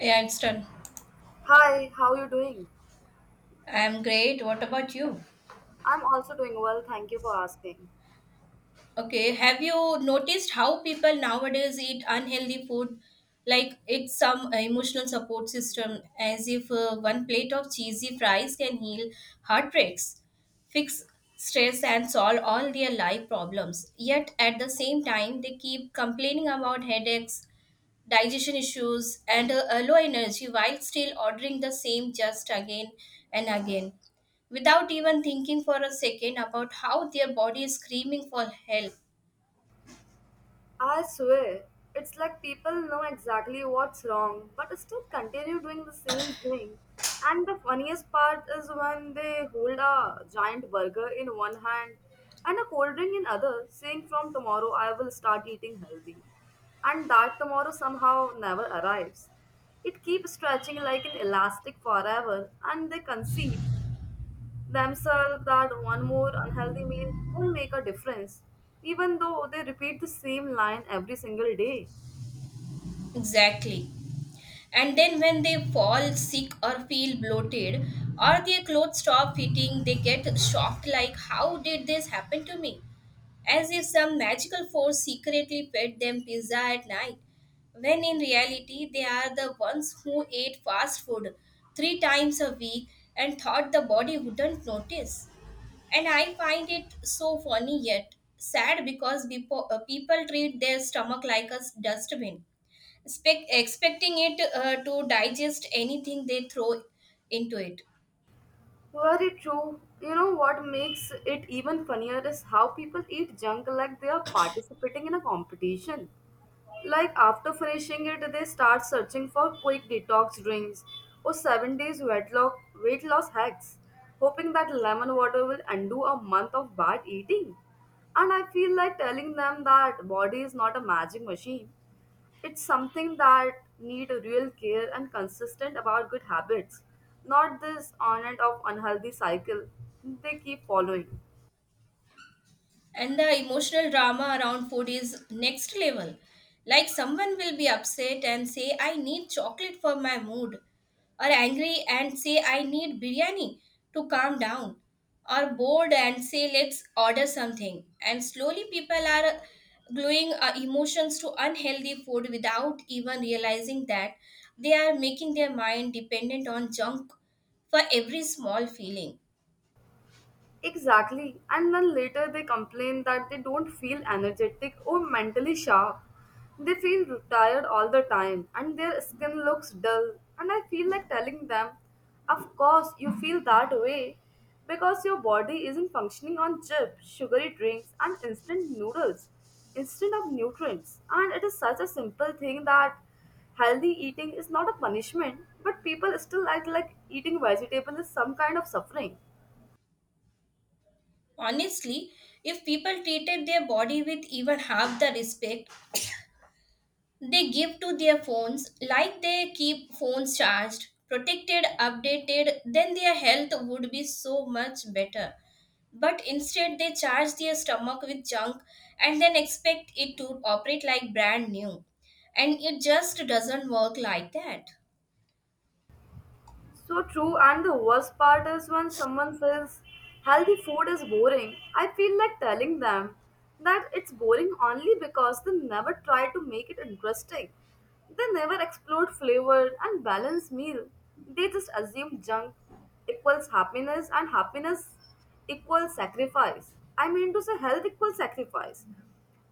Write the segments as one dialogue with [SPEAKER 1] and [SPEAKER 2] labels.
[SPEAKER 1] Yeah, it's done.
[SPEAKER 2] Hi, how you doing?
[SPEAKER 1] I'm great. What about you?
[SPEAKER 2] I'm also doing well, thank you for asking.
[SPEAKER 1] Okay, have you noticed how people nowadays eat unhealthy food? Like it's some emotional support system, as if one plate of cheesy fries can heal heartbreaks, fix stress, and solve all their life problems. Yet at the same time, they keep complaining about headaches, digestion issues, and a low energy while still ordering the same just again and again without even thinking for a second about how their body is screaming for help.
[SPEAKER 2] I swear, it's like people know exactly what's wrong, but still continue doing the same thing. And the funniest part is when they hold a giant burger in one hand and a cold drink in other, saying from tomorrow I will start eating healthy. And that tomorrow somehow never arrives. It keeps stretching like an elastic forever, and they conceive themselves that one more unhealthy meal won't make a difference, even though they repeat the same line every single day.
[SPEAKER 1] Exactly. And then when they fall sick or feel bloated or their clothes stop fitting, they get shocked like, how did this happen to me? As if some magical force secretly fed them pizza at night, when in reality they are the ones who ate fast food 3 times a week and thought the body wouldn't notice. And I find it so funny yet sad because people treat their stomach like a dustbin, expecting it to digest anything they throw into it.
[SPEAKER 2] Very true. You know what makes it even funnier is how people eat junk like they are participating in a competition. Like after finishing it, they start searching for quick detox drinks or seven days weight loss hacks, hoping that lemon water will undo a month of bad eating. And I feel like telling them that body is not a magic machine. It's something that need real care and consistent about good habits, not this on and off unhealthy cycle they keep following.
[SPEAKER 1] And the emotional drama around food is next level. Like someone will be upset and say, I need chocolate for my mood, or angry and say, I need biryani to calm down, or bored and say, let's order something. And slowly people are gluing emotions to unhealthy food without even realizing that they are making their mind dependent on junk for every small feeling.
[SPEAKER 2] Exactly. And then later they complain that they don't feel energetic or mentally sharp. They feel tired all the time and their skin looks dull. And I feel like telling them, of course, you feel that way because your body isn't functioning on chip, sugary drinks, and instant noodles instead of nutrients. And it is such a simple thing that healthy eating is not a punishment, but people still act like eating vegetable is some kind of suffering.
[SPEAKER 1] Honestly, if people treated their body with even half the respect they give to their phones, like they keep phones charged, protected, updated, then their health would be so much better. But instead, they charge their stomach with junk and then expect it to operate like brand new. And it just doesn't work like that.
[SPEAKER 2] So true, and the worst part is when someone says healthy food is boring, I feel like telling them that it's boring only because they never try to make it interesting. They never explored flavor and balanced meal. They just assume junk equals happiness and happiness equals sacrifice. I mean to say health equals sacrifice.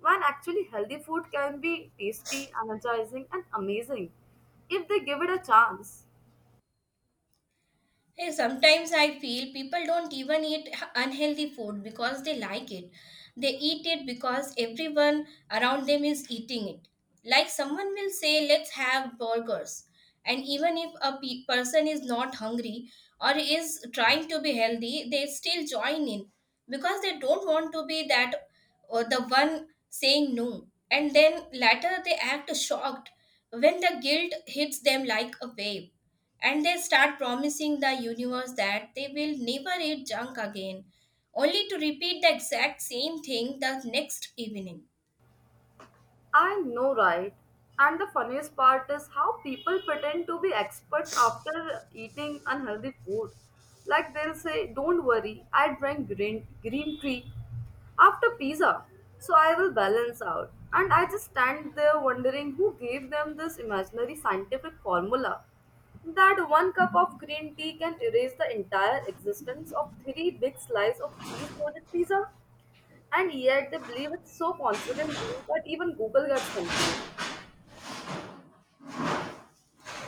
[SPEAKER 2] When actually healthy food can be tasty, energizing, and amazing if they give it a chance.
[SPEAKER 1] Hey, sometimes I feel people don't even eat unhealthy food because they like it. They eat it because everyone around them is eating it. Like someone will say, let's have burgers. And even if a person is not hungry or is trying to be healthy, they still join in because they don't want to be that or the one saying no. And then later they act shocked when the guilt hits them like a wave, and they start promising the universe that they will never eat junk again, only to repeat the exact same thing the next evening.
[SPEAKER 2] I know, right? And the funniest part is how people pretend to be experts after eating unhealthy food. Like they'll say, Don't worry, I drank green tea after pizza, so I will balance out. And I just stand there wondering who gave them this imaginary scientific formula that one cup of green tea can erase the entire existence of three big slices of cheese loaded pizza. And yet they believe it so confidently that even Google gets confused.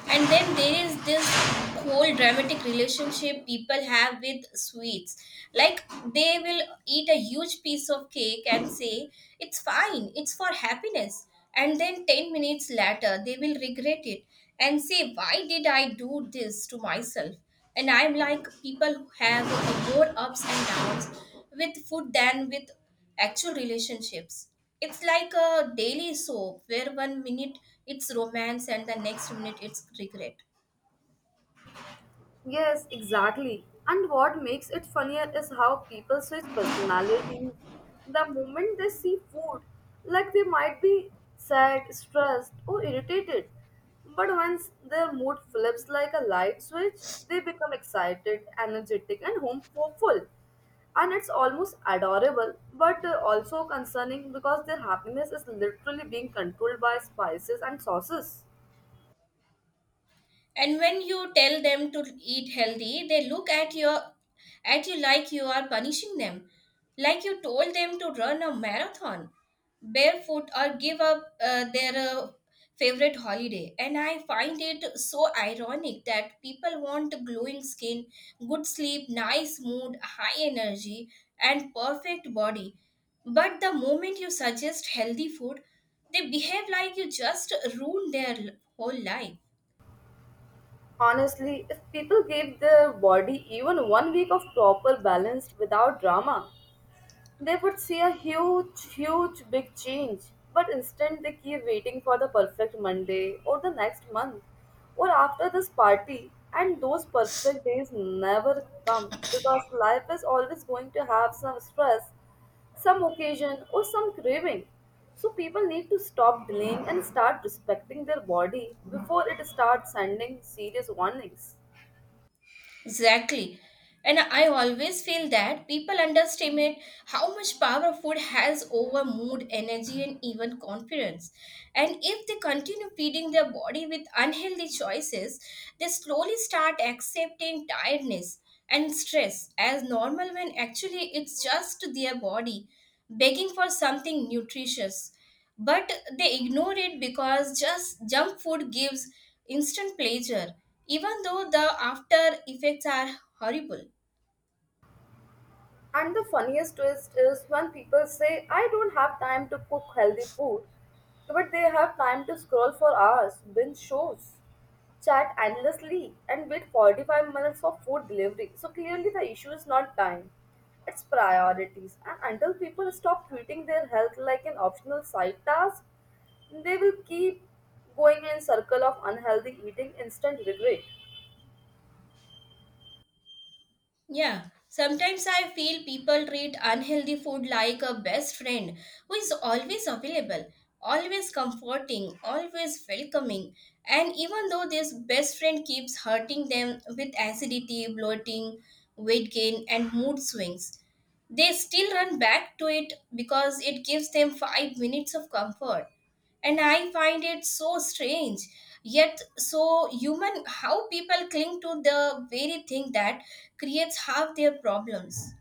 [SPEAKER 1] And then there is this whole dramatic relationship people have with sweets. Like they will eat a huge piece of cake and say, it's fine, it's for happiness. And then 10 minutes later, they will regret it and say, why did I do this to myself? And I'm like, people who have more ups and downs with food than with actual relationships. It's like a daily soap where one minute it's romance and the next minute it's regret.
[SPEAKER 2] Yes, exactly. And what makes it funnier is how people switch personalities the moment they see food. Like they might be sad, stressed, or irritated. But once their mood flips like a light switch, they become excited, energetic, and hopeful. And it's almost adorable, but also concerning because their happiness is literally being controlled by spices and sauces.
[SPEAKER 1] And when you tell them to eat healthy, they look at you like you are punishing them, like you told them to run a marathon barefoot or give up their favorite holiday. And I find it so ironic that people want glowing skin, good sleep, nice mood, high energy, and perfect body, but the moment you suggest healthy food, they behave like you just ruined their whole life.
[SPEAKER 2] Honestly, if people gave their body even one week of proper balance without drama, they would see a huge big change, but instead they keep waiting for the perfect Monday or the next month or after this party, and those perfect days never come because life is always going to have some stress, some occasion, or some craving. So people need to stop delaying and start respecting their body before it starts sending serious warnings.
[SPEAKER 1] Exactly. And I always feel that people underestimate how much power food has over mood, energy, and even confidence. And if they continue feeding their body with unhealthy choices, they slowly start accepting tiredness and stress as normal, when actually it's just their body begging for something nutritious, but they ignore it because just junk food gives instant pleasure, even though the after effects are horrible.
[SPEAKER 2] And the funniest twist is when people say, I don't have time to cook healthy food, but they have time to scroll for hours, binge shows, chat endlessly, and wait 45 minutes for food delivery. So clearly, the issue is not time, it's priorities. And until people stop treating their health like an optional side task, they will keep going in circle of unhealthy eating, instant regret.
[SPEAKER 1] Yeah, sometimes I feel people treat unhealthy food like a best friend who is always available, always comforting, always welcoming. And even though this best friend keeps hurting them with acidity, bloating, weight gain, and mood swings, they still run back to it because it gives them 5 minutes of comfort. And I find it so strange, yet so human, how people cling to the very thing that creates half their problems.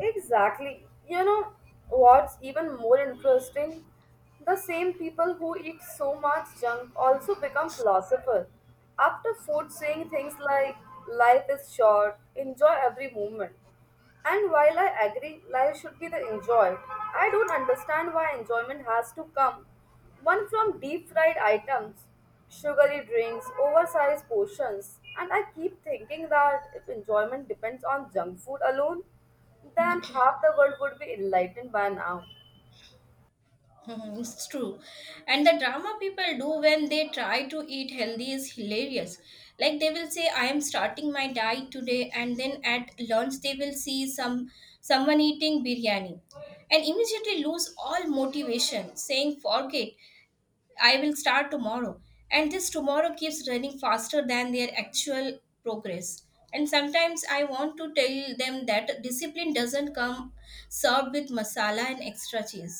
[SPEAKER 2] Exactly. You know what's even more interesting? The same people who eat so much junk also become philosophers. After food, saying things like, life is short, enjoy every moment. And while I agree life should be the enjoyed, I don't understand why enjoyment has to come one from deep fried items, sugary drinks, oversized portions, and I keep thinking that if enjoyment depends on junk food alone, then half the world would be enlightened by now.
[SPEAKER 1] Mhm. This is true. And the drama people do when they try to eat healthy is hilarious. Like they will say, I am starting my diet today, and then at lunch they will see someone eating biryani and immediately lose all motivation, saying, forget, I will start tomorrow. And this tomorrow keeps running faster than their actual progress. And sometimes I want to tell them that discipline doesn't come served with masala and extra cheese.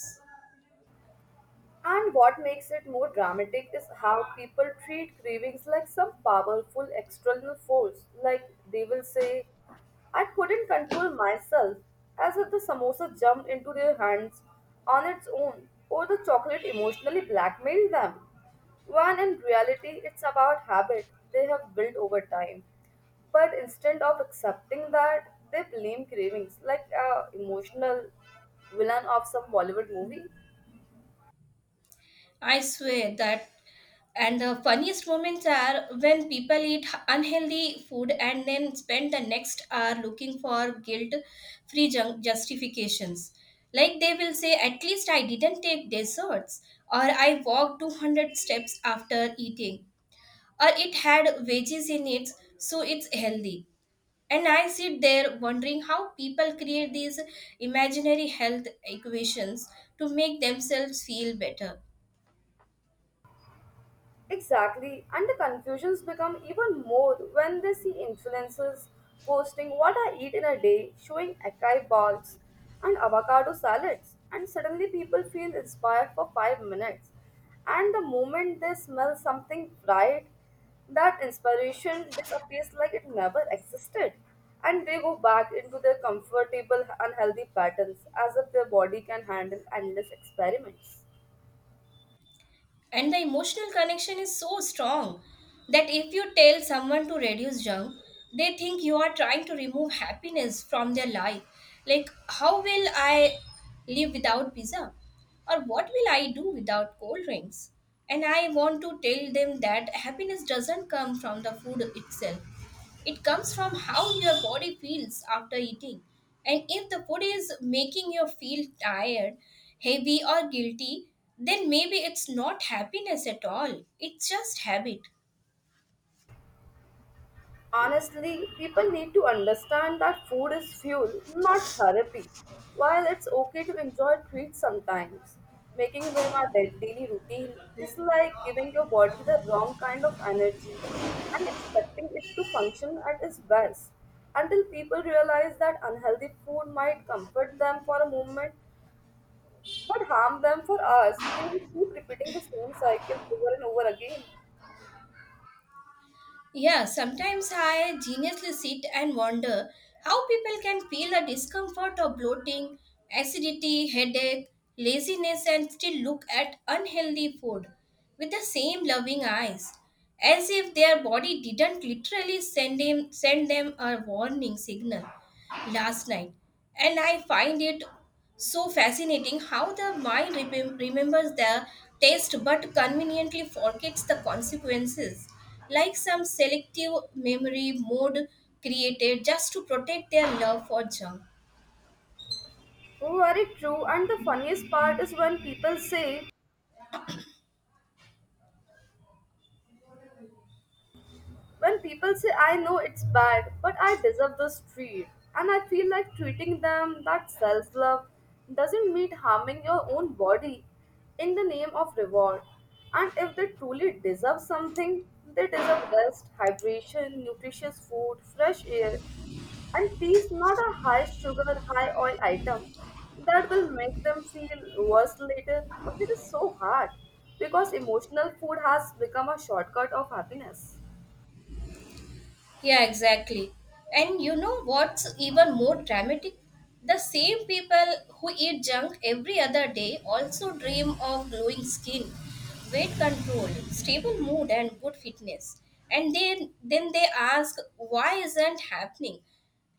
[SPEAKER 2] And what makes it more dramatic is how people treat cravings like some powerful external force. Like they will say, I couldn't control myself, as if the samosa jumped into their hands on its own, or the chocolate emotionally blackmailed them. When in reality, it's about habit they have built over time. But instead of accepting that, they blame cravings like a emotional villain of some Bollywood movie.
[SPEAKER 1] I swear that. And the funniest moments are when people eat unhealthy food and then spend the next hour looking for guilt free justifications. Like they will say, at least I didn't take desserts, or I walked 200 steps after eating, or it had veggies in it, so it's healthy. And I sit there wondering how people create these imaginary health equations to make themselves feel better.
[SPEAKER 2] Exactly, and the confusions become even more when they see influencers posting what I eat in a day, showing acai bowls and avocado salads, and suddenly people feel inspired for 5 minutes. And the moment they smell something fried, that inspiration disappears like it never existed. And they go back into their comfortable, unhealthy patterns as if their body can handle endless experiments.
[SPEAKER 1] And the emotional connection is so strong that if you tell someone to reduce junk, they think you are trying to remove happiness from their life. Like, how will I live without pizza, or what will I do without cold drinks? And I want to tell them that happiness doesn't come from the food itself, it comes from how your body feels after eating. And if the food is making you feel tired, heavy, or guilty, then maybe it's not happiness at all. It's just habit.
[SPEAKER 2] Honestly, people need to understand that food is fuel, not therapy. While it's okay to enjoy treats sometimes, making them a daily routine is like giving your body the wrong kind of energy and expecting it to function at its best. Until people realize that unhealthy food might comfort them for a moment but harm them for hours, they will keep repeating the same cycle over and over again.
[SPEAKER 1] Yeah, sometimes I geniusly sit and wonder how people can feel the discomfort of bloating, acidity, headache, laziness, and still look at unhealthy food with the same loving eyes, as if their body didn't literally send them a warning signal last night. And I find it so fascinating how the mind remembers the taste but conveniently forgets the consequences, like some selective memory mode created just to protect their love for junk.
[SPEAKER 2] Very true. And the funniest part is when people say I know it's bad, but I deserve this treat, and I feel like treating them that self love doesn't mean harming your own body in the name of reward. And if they truly deserve something, they deserve rest, hydration, nutritious food, fresh air, and peace, not a high sugar, high oil item that will make them feel worse later. But it is so hard because emotional food has become a shortcut of happiness.
[SPEAKER 1] Yeah, exactly. And you know what's even more dramatic? The same people who eat junk every other day also dream of glowing skin, weight control, stable mood, and good fitness. And then, they ask, why isn't happening?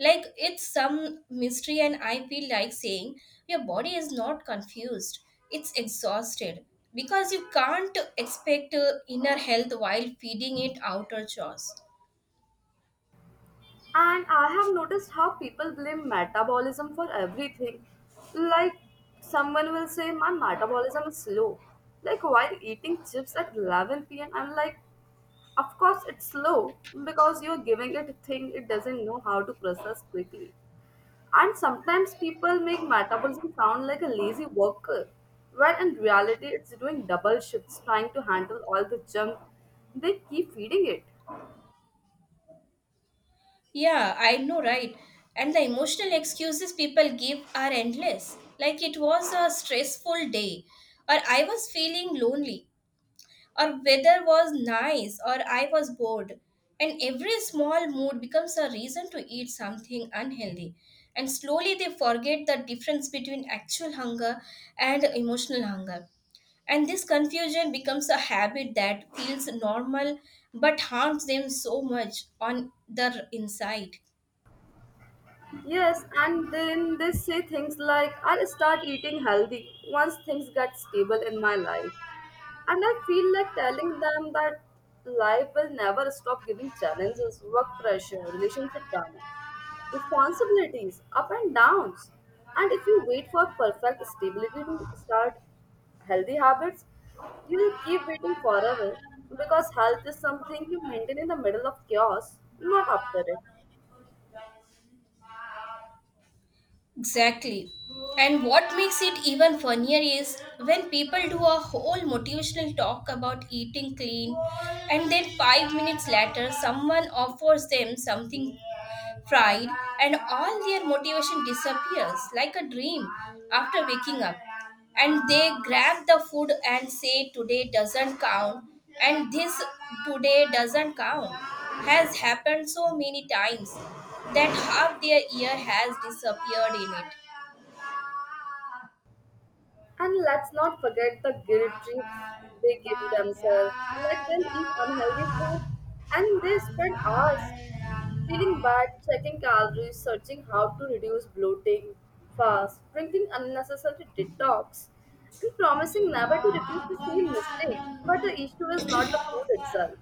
[SPEAKER 1] Like it's some mystery, and I feel like saying, your body is not confused, it's exhausted, because you can't expect inner health while feeding it outer chores.
[SPEAKER 2] And I have noticed how people blame metabolism for everything. Like someone will say, My metabolism is slow. Like while eating chips at 11 p.m., I'm like, Of course, it's slow because you're giving it a thing it doesn't know how to process quickly. And sometimes people make metabolism sound like a lazy worker, where in reality, it's doing double shifts trying to handle all the junk they keep feeding it.
[SPEAKER 1] Yeah, I know, right? And the emotional excuses people give are endless. Like, it was a stressful day, or I was feeling lonely, or weather was nice, or I was bored. And every small mood becomes a reason to eat something unhealthy. And slowly they forget the difference between actual hunger and emotional hunger. And this confusion becomes a habit that feels normal but harms them so much on their inside.
[SPEAKER 2] Yes, and then they say things like, I'll start eating healthy once things get stable in my life. And I feel like telling them that life will never stop giving challenges, work pressure, relationship drama, responsibilities, up and downs. And if you wait for perfect stability to start healthy habits, you will keep waiting forever because health is something you maintain in the middle of chaos, not after it.
[SPEAKER 1] Thank you. Exactly. And what makes it even funnier is when people do a whole motivational talk about eating clean, and then 5 minutes later, someone offers them something fried, and all their motivation disappears like a dream after waking up. And they grab the food and say, today doesn't count. And this today doesn't count has happened so many times that half their year has disappeared in
[SPEAKER 2] And let's not forget the guilt trips they give themselves. Like they'll eat unhealthy food and they spend hours
[SPEAKER 1] it.
[SPEAKER 2] feeling bad, checking calories, searching how to reduce bloating, fast, drinking unnecessary detox, and promising never to repeat the same mistake.
[SPEAKER 1] Mabanagan
[SPEAKER 2] But the issue is
[SPEAKER 1] at
[SPEAKER 2] not the
[SPEAKER 1] ilaw
[SPEAKER 2] food
[SPEAKER 1] ka,
[SPEAKER 2] itself.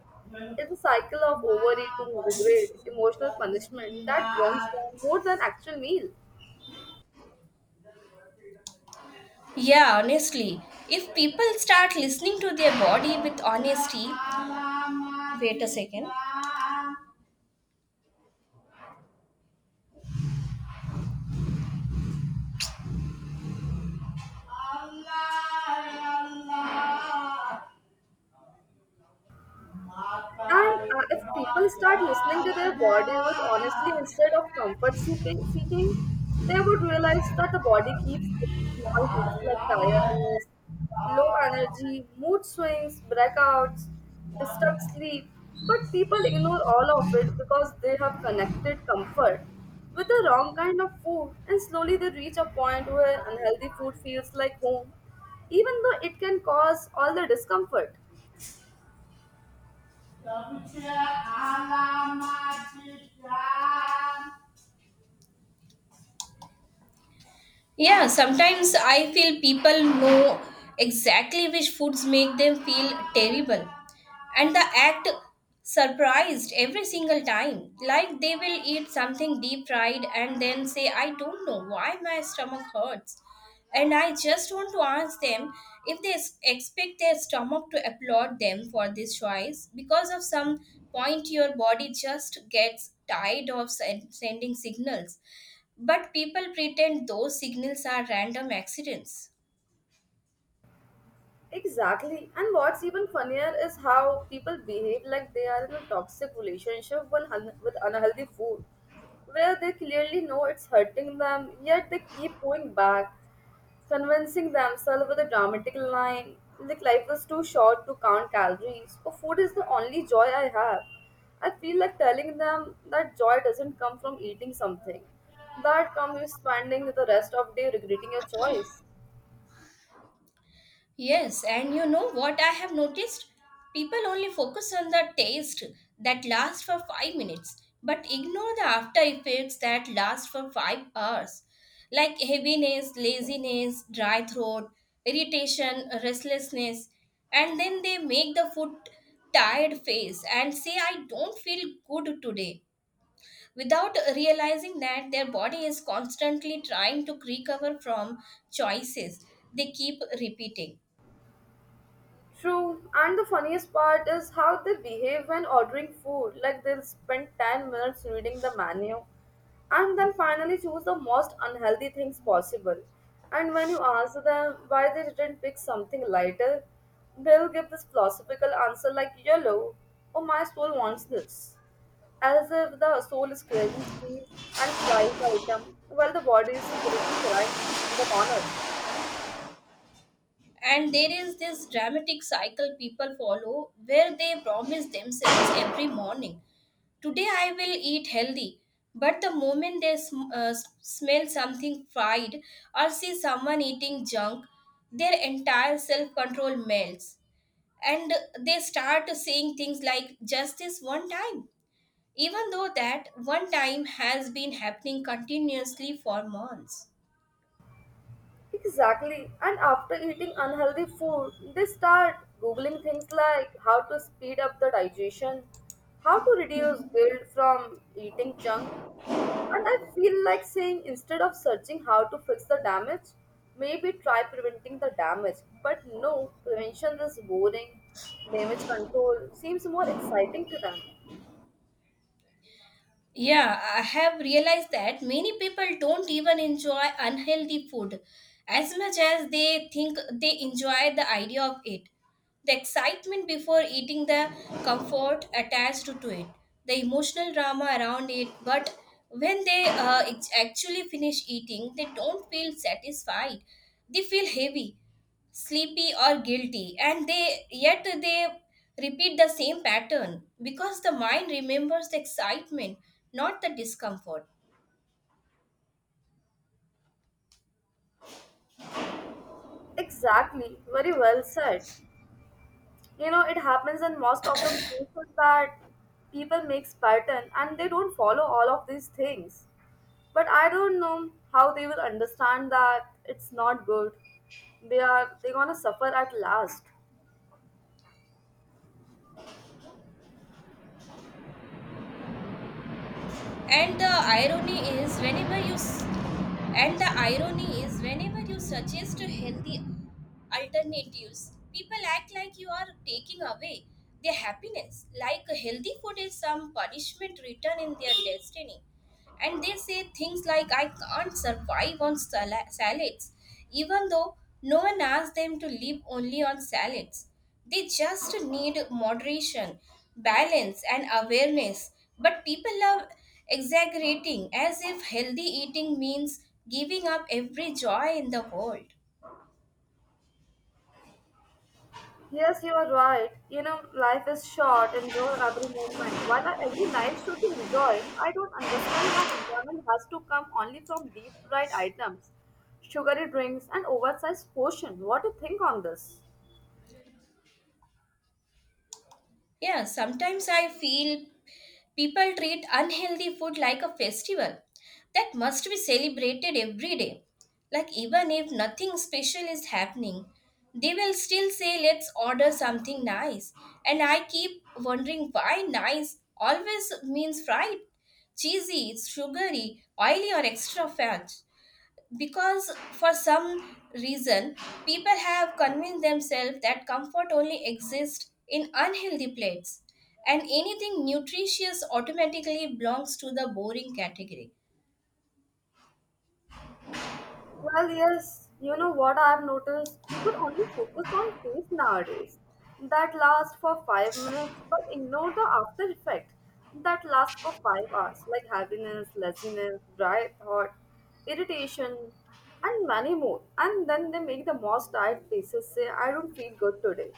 [SPEAKER 2] It's a cycle of overeating, regret, emotional
[SPEAKER 1] mabalibugan
[SPEAKER 2] punishment
[SPEAKER 1] na.
[SPEAKER 2] that drains them more than actual meal.
[SPEAKER 1] Yeah, honestly, if people start listening to their body with honesty, wait a second.
[SPEAKER 2] And If people start listening to their body with honestly instead of seeking, they would realize that the body keeps small hints like tiredness, low energy, mood swings, breakouts, disturbed sleep. But people ignore all of it because they have connected comfort with the wrong kind of food, and slowly they reach a point where unhealthy food feels like home, even though it can cause all the discomfort.
[SPEAKER 1] Yeah, sometimes I feel people know exactly which foods make them feel terrible, and they act surprised every single time. Like they will eat something deep fried and then say, I don't know why my stomach hurts. And I just want to ask them if they expect their stomach to applaud them for this choice. Because of some point, your body just gets tired of sending signals. But people pretend those signals are random accidents.
[SPEAKER 2] Exactly. And what's even funnier is how people behave like they are in a toxic relationship with un with unhealthy food, where they clearly know it's hurting them, yet they keep going back, convincing themselves with a dramatic line like life is too short to count calories, or food is the only joy I have. I feel like telling them that joy doesn't come from eating something, that comes spending the rest of day regretting your choice.
[SPEAKER 1] Yes, and you know what I have noticed? People only focus on the taste that lasts for 5 minutes but ignore the after effects that last for 5 hours, like heaviness, laziness, dry throat, irritation, restlessness. And then they make the food tired face and say, I don't feel good today, without realizing that their body is constantly trying to recover from choices they keep repeating.
[SPEAKER 2] True, and the funniest part is how they behave when ordering food. Like they'll spend 10 minutes reading the menu and then finally choose the most unhealthy things possible. And when you ask them why they didn't pick something lighter, they'll give this philosophical answer like yellow, oh my soul wants this. As if the soul is craving cheese and fries item, while the body is secretly crying in the corner.
[SPEAKER 1] And there is this dramatic cycle people follow where they promise themselves every morning, today I will eat healthy. But the moment they smell something fried or see someone eating junk, their entire self control melts. And they start saying things like, just this one time. Even though that one time has been happening continuously for months.
[SPEAKER 2] Exactly. And after eating unhealthy food, they start googling things like how to speed up the digestion, how to reduce guilt from eating junk. And I feel like saying instead of searching how to fix the damage, maybe try preventing the damage. But no, prevention is boring. Damage control seems more exciting to them.
[SPEAKER 1] Yeah, I have realized that many people don't even enjoy unhealthy food as much as they think they enjoy the idea of it. The excitement before eating, the comfort attached to it, the emotional drama around it, but when they actually finish eating, they don't feel satisfied. They feel heavy, sleepy, or guilty, and they yet they repeat the same pattern because the mind remembers the excitement, not the discomfort.
[SPEAKER 2] Exactly. Very well said. You know, it happens in most of the places that people makes pattern and they don't follow all of these things, but I don't know how they will understand that it's not good. They are they gonna suffer at last.
[SPEAKER 1] And the irony is, whenever you s- and the irony is whenever you suggest a healthy alternatives, people act like you are taking away their happiness, like a healthy food is some punishment written in their destiny. And they say things like, I can't survive on salads, even though no one asked them to live only on salads. They just need moderation, balance, and awareness. But people love exaggerating as if healthy eating means giving up every joy in the world.
[SPEAKER 2] Yes, you are right. You know, life is short, enjoy every moment. While I agree life should be enjoyed, I don't understand why enjoyment has to come only from deep fried items, sugary drinks, and oversized portion. What do you think on this?
[SPEAKER 1] Yeah, sometimes I feel people treat unhealthy food like a festival that must be celebrated every day. Like, even if nothing special is happening, they will still say, Let's order something nice. And I keep wondering why nice always means fried, cheesy, sugary, oily, or extra fat, because for some reason people have convinced themselves that comfort only exists in unhealthy plates, and anything nutritious automatically belongs to the boring category.
[SPEAKER 2] Well, yes, you know what I've noticed? People only focus on taste nowadays that last for 5 minutes but ignore the after effect that last for 5 hours, like heaviness, laziness, dry thought, irritation, and many more. And then they make the most tired faces say, I don't feel good today,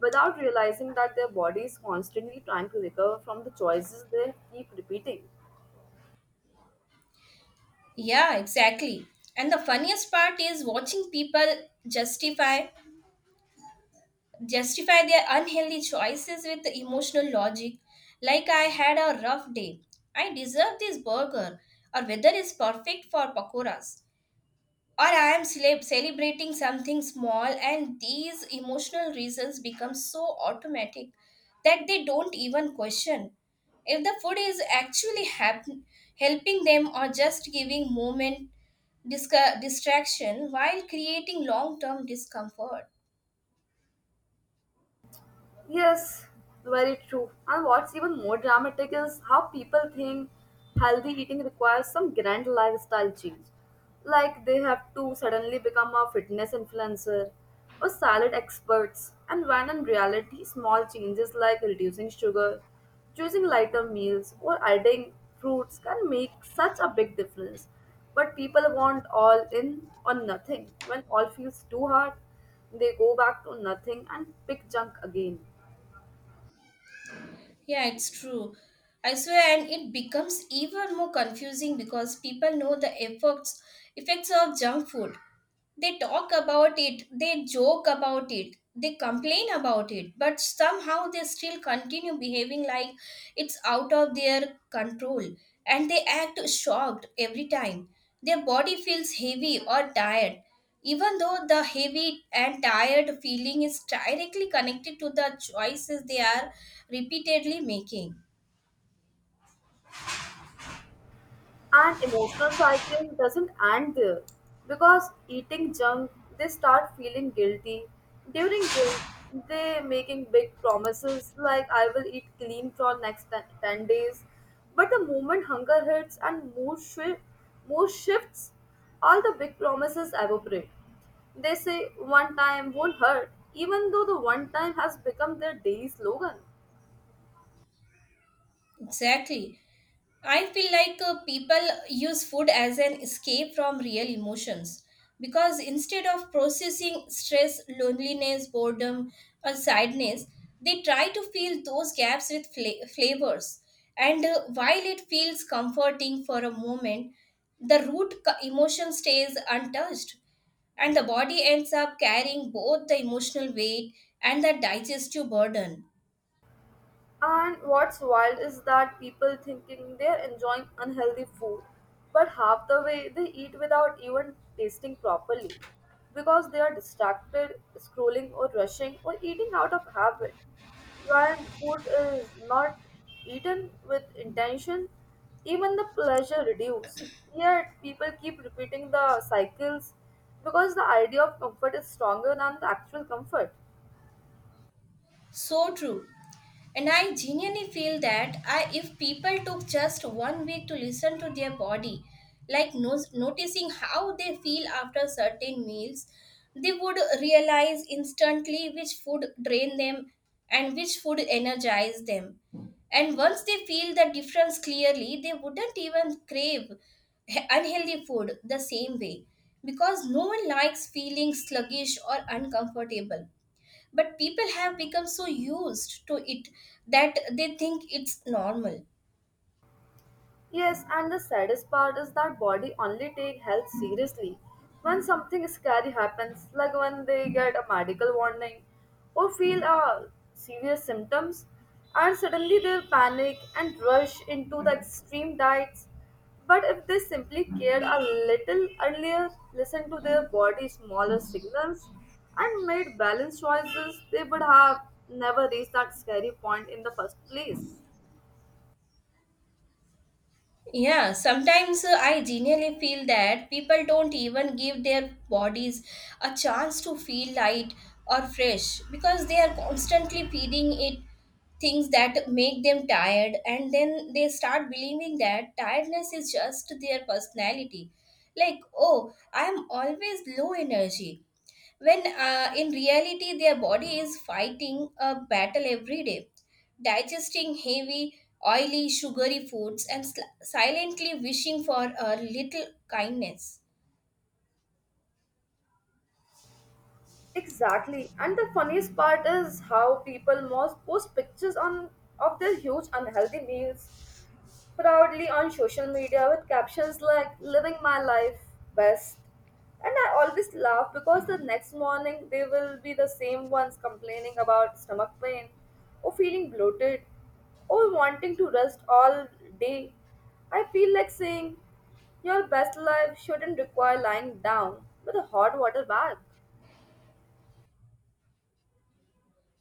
[SPEAKER 2] without realizing that their body is constantly trying to recover from the choices they keep repeating.
[SPEAKER 1] Yeah, exactly. And the funniest part is watching people justify justify their unhealthy choices with emotional logic. Like, I had a rough day, I deserve this burger, or "Weather is perfect for pakoras," or I am celebrating something small. And these emotional reasons become so automatic that they don't even question if the food is actually helping them, or just giving moment distraction while creating long term discomfort.
[SPEAKER 2] Yes, very true. And what's even more dramatic is how people think healthy eating requires some grand lifestyle change. Like they have to suddenly become a fitness influencer or salad experts. And when in reality, small changes like reducing sugar, choosing lighter meals, or adding fruits can make such a big difference. But people want all in or nothing. When all feels too hard, they go back to nothing and pick junk again.
[SPEAKER 1] Yeah, it's true. I swear, and it becomes even more confusing because people know the effects of junk food. They talk about it, they joke about it, they complain about it, but somehow they still continue behaving like it's out of their control, and they act shocked every time their body feels heavy or tired, even though the heavy and tired feeling is directly connected to the choices they are repeatedly making.
[SPEAKER 2] And emotional cycle doesn't end there. Because eating junk, they start feeling guilty. During guilt, they making big promises like I will eat clean for next 10 ten days, but the moment hunger hits and mood shifts, all the big promises evaporate. They say one time won't hurt, even though the one time has become their daily slogan.
[SPEAKER 1] Exactly. I feel like people use food as an escape from real emotions, because instead of processing stress, loneliness, boredom, or sadness, they try to fill those gaps with flavors. And while it feels comforting for a moment, the emotion stays untouched, and the body ends up carrying both the emotional weight and the digestive burden.
[SPEAKER 2] And what's wild is that people thinking they're enjoying unhealthy food, but half the way they eat without even tasting properly because they are distracted, scrolling, or rushing, or eating out of habit. When food is not eaten with intention, even the pleasure reduces. Yet people keep repeating the cycles because the idea of comfort is stronger than the actual comfort.
[SPEAKER 1] So true. And I genuinely feel that if people took just 1 week to listen to their body, like no, noticing how they feel after certain meals, they would realize instantly which food drain them and which food energize them. And once they feel the difference clearly, they wouldn't even crave unhealthy food the same way, because no one likes feeling sluggish or uncomfortable, but people have become so used to it that they think it's normal.
[SPEAKER 2] Yes, and the saddest part is that body only take health seriously when something scary happens, like when they get a medical warning or feel severe symptoms, and suddenly they'll panic and rush into the extreme diets. But if they simply cared a little earlier, listened to their body's smaller signals, and made balanced choices, they would have never reached that scary point in the first place.
[SPEAKER 1] Yeah, sometimes I genuinely feel that people don't even give their bodies a chance to feel light or fresh, because they are constantly feeding it things that make them tired, and then they start believing that tiredness is just their personality. Like, oh, I am always low energy, when in reality their body is fighting a battle every day, digesting heavy, oily, sugary foods, and silently wishing for a little kindness.
[SPEAKER 2] Exactly. And the funniest part is how people most post pictures on of their huge unhealthy meals proudly on social media with captions like living my life best. And I always laugh because the next morning they will be the same ones complaining about stomach pain or feeling bloated or wanting to rest all day. I feel like saying your best life shouldn't require lying down with a hot water bag.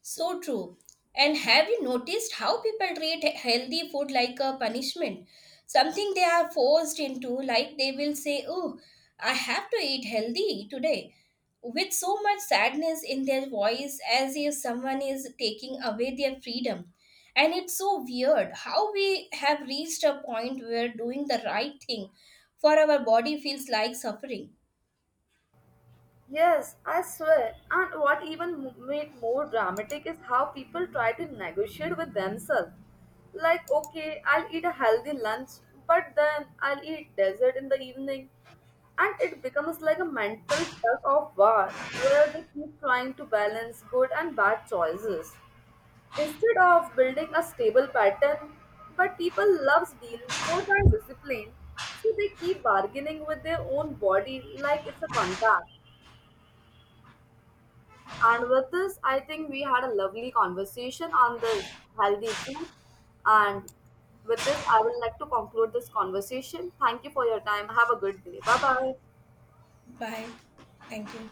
[SPEAKER 1] So true. And have you noticed how people treat healthy food like a punishment? Something they are forced into. Like, they will say, Oh, I have to eat healthy today, with so much sadness in their voice, as if someone is taking away their freedom. And it's so weird how we have reached a point where doing the right thing for our body feels like suffering.
[SPEAKER 2] Yes, I swear. And what even made more dramatic is how people try to negotiate with themselves. Like, okay, I'll eat a healthy lunch, but then I'll eat dessert in the evening. And it becomes like a mental tug of war where they keep trying to balance good and bad choices. Instead of building a stable pattern, but people love deal more than discipline, so they keep bargaining with their own body like it's a contract. And with this, I think we had a lovely conversation on this healthy food. And with this, I would like to conclude this conversation. Thank you for your time. Have a good day. Bye bye.
[SPEAKER 1] Bye. Thank you.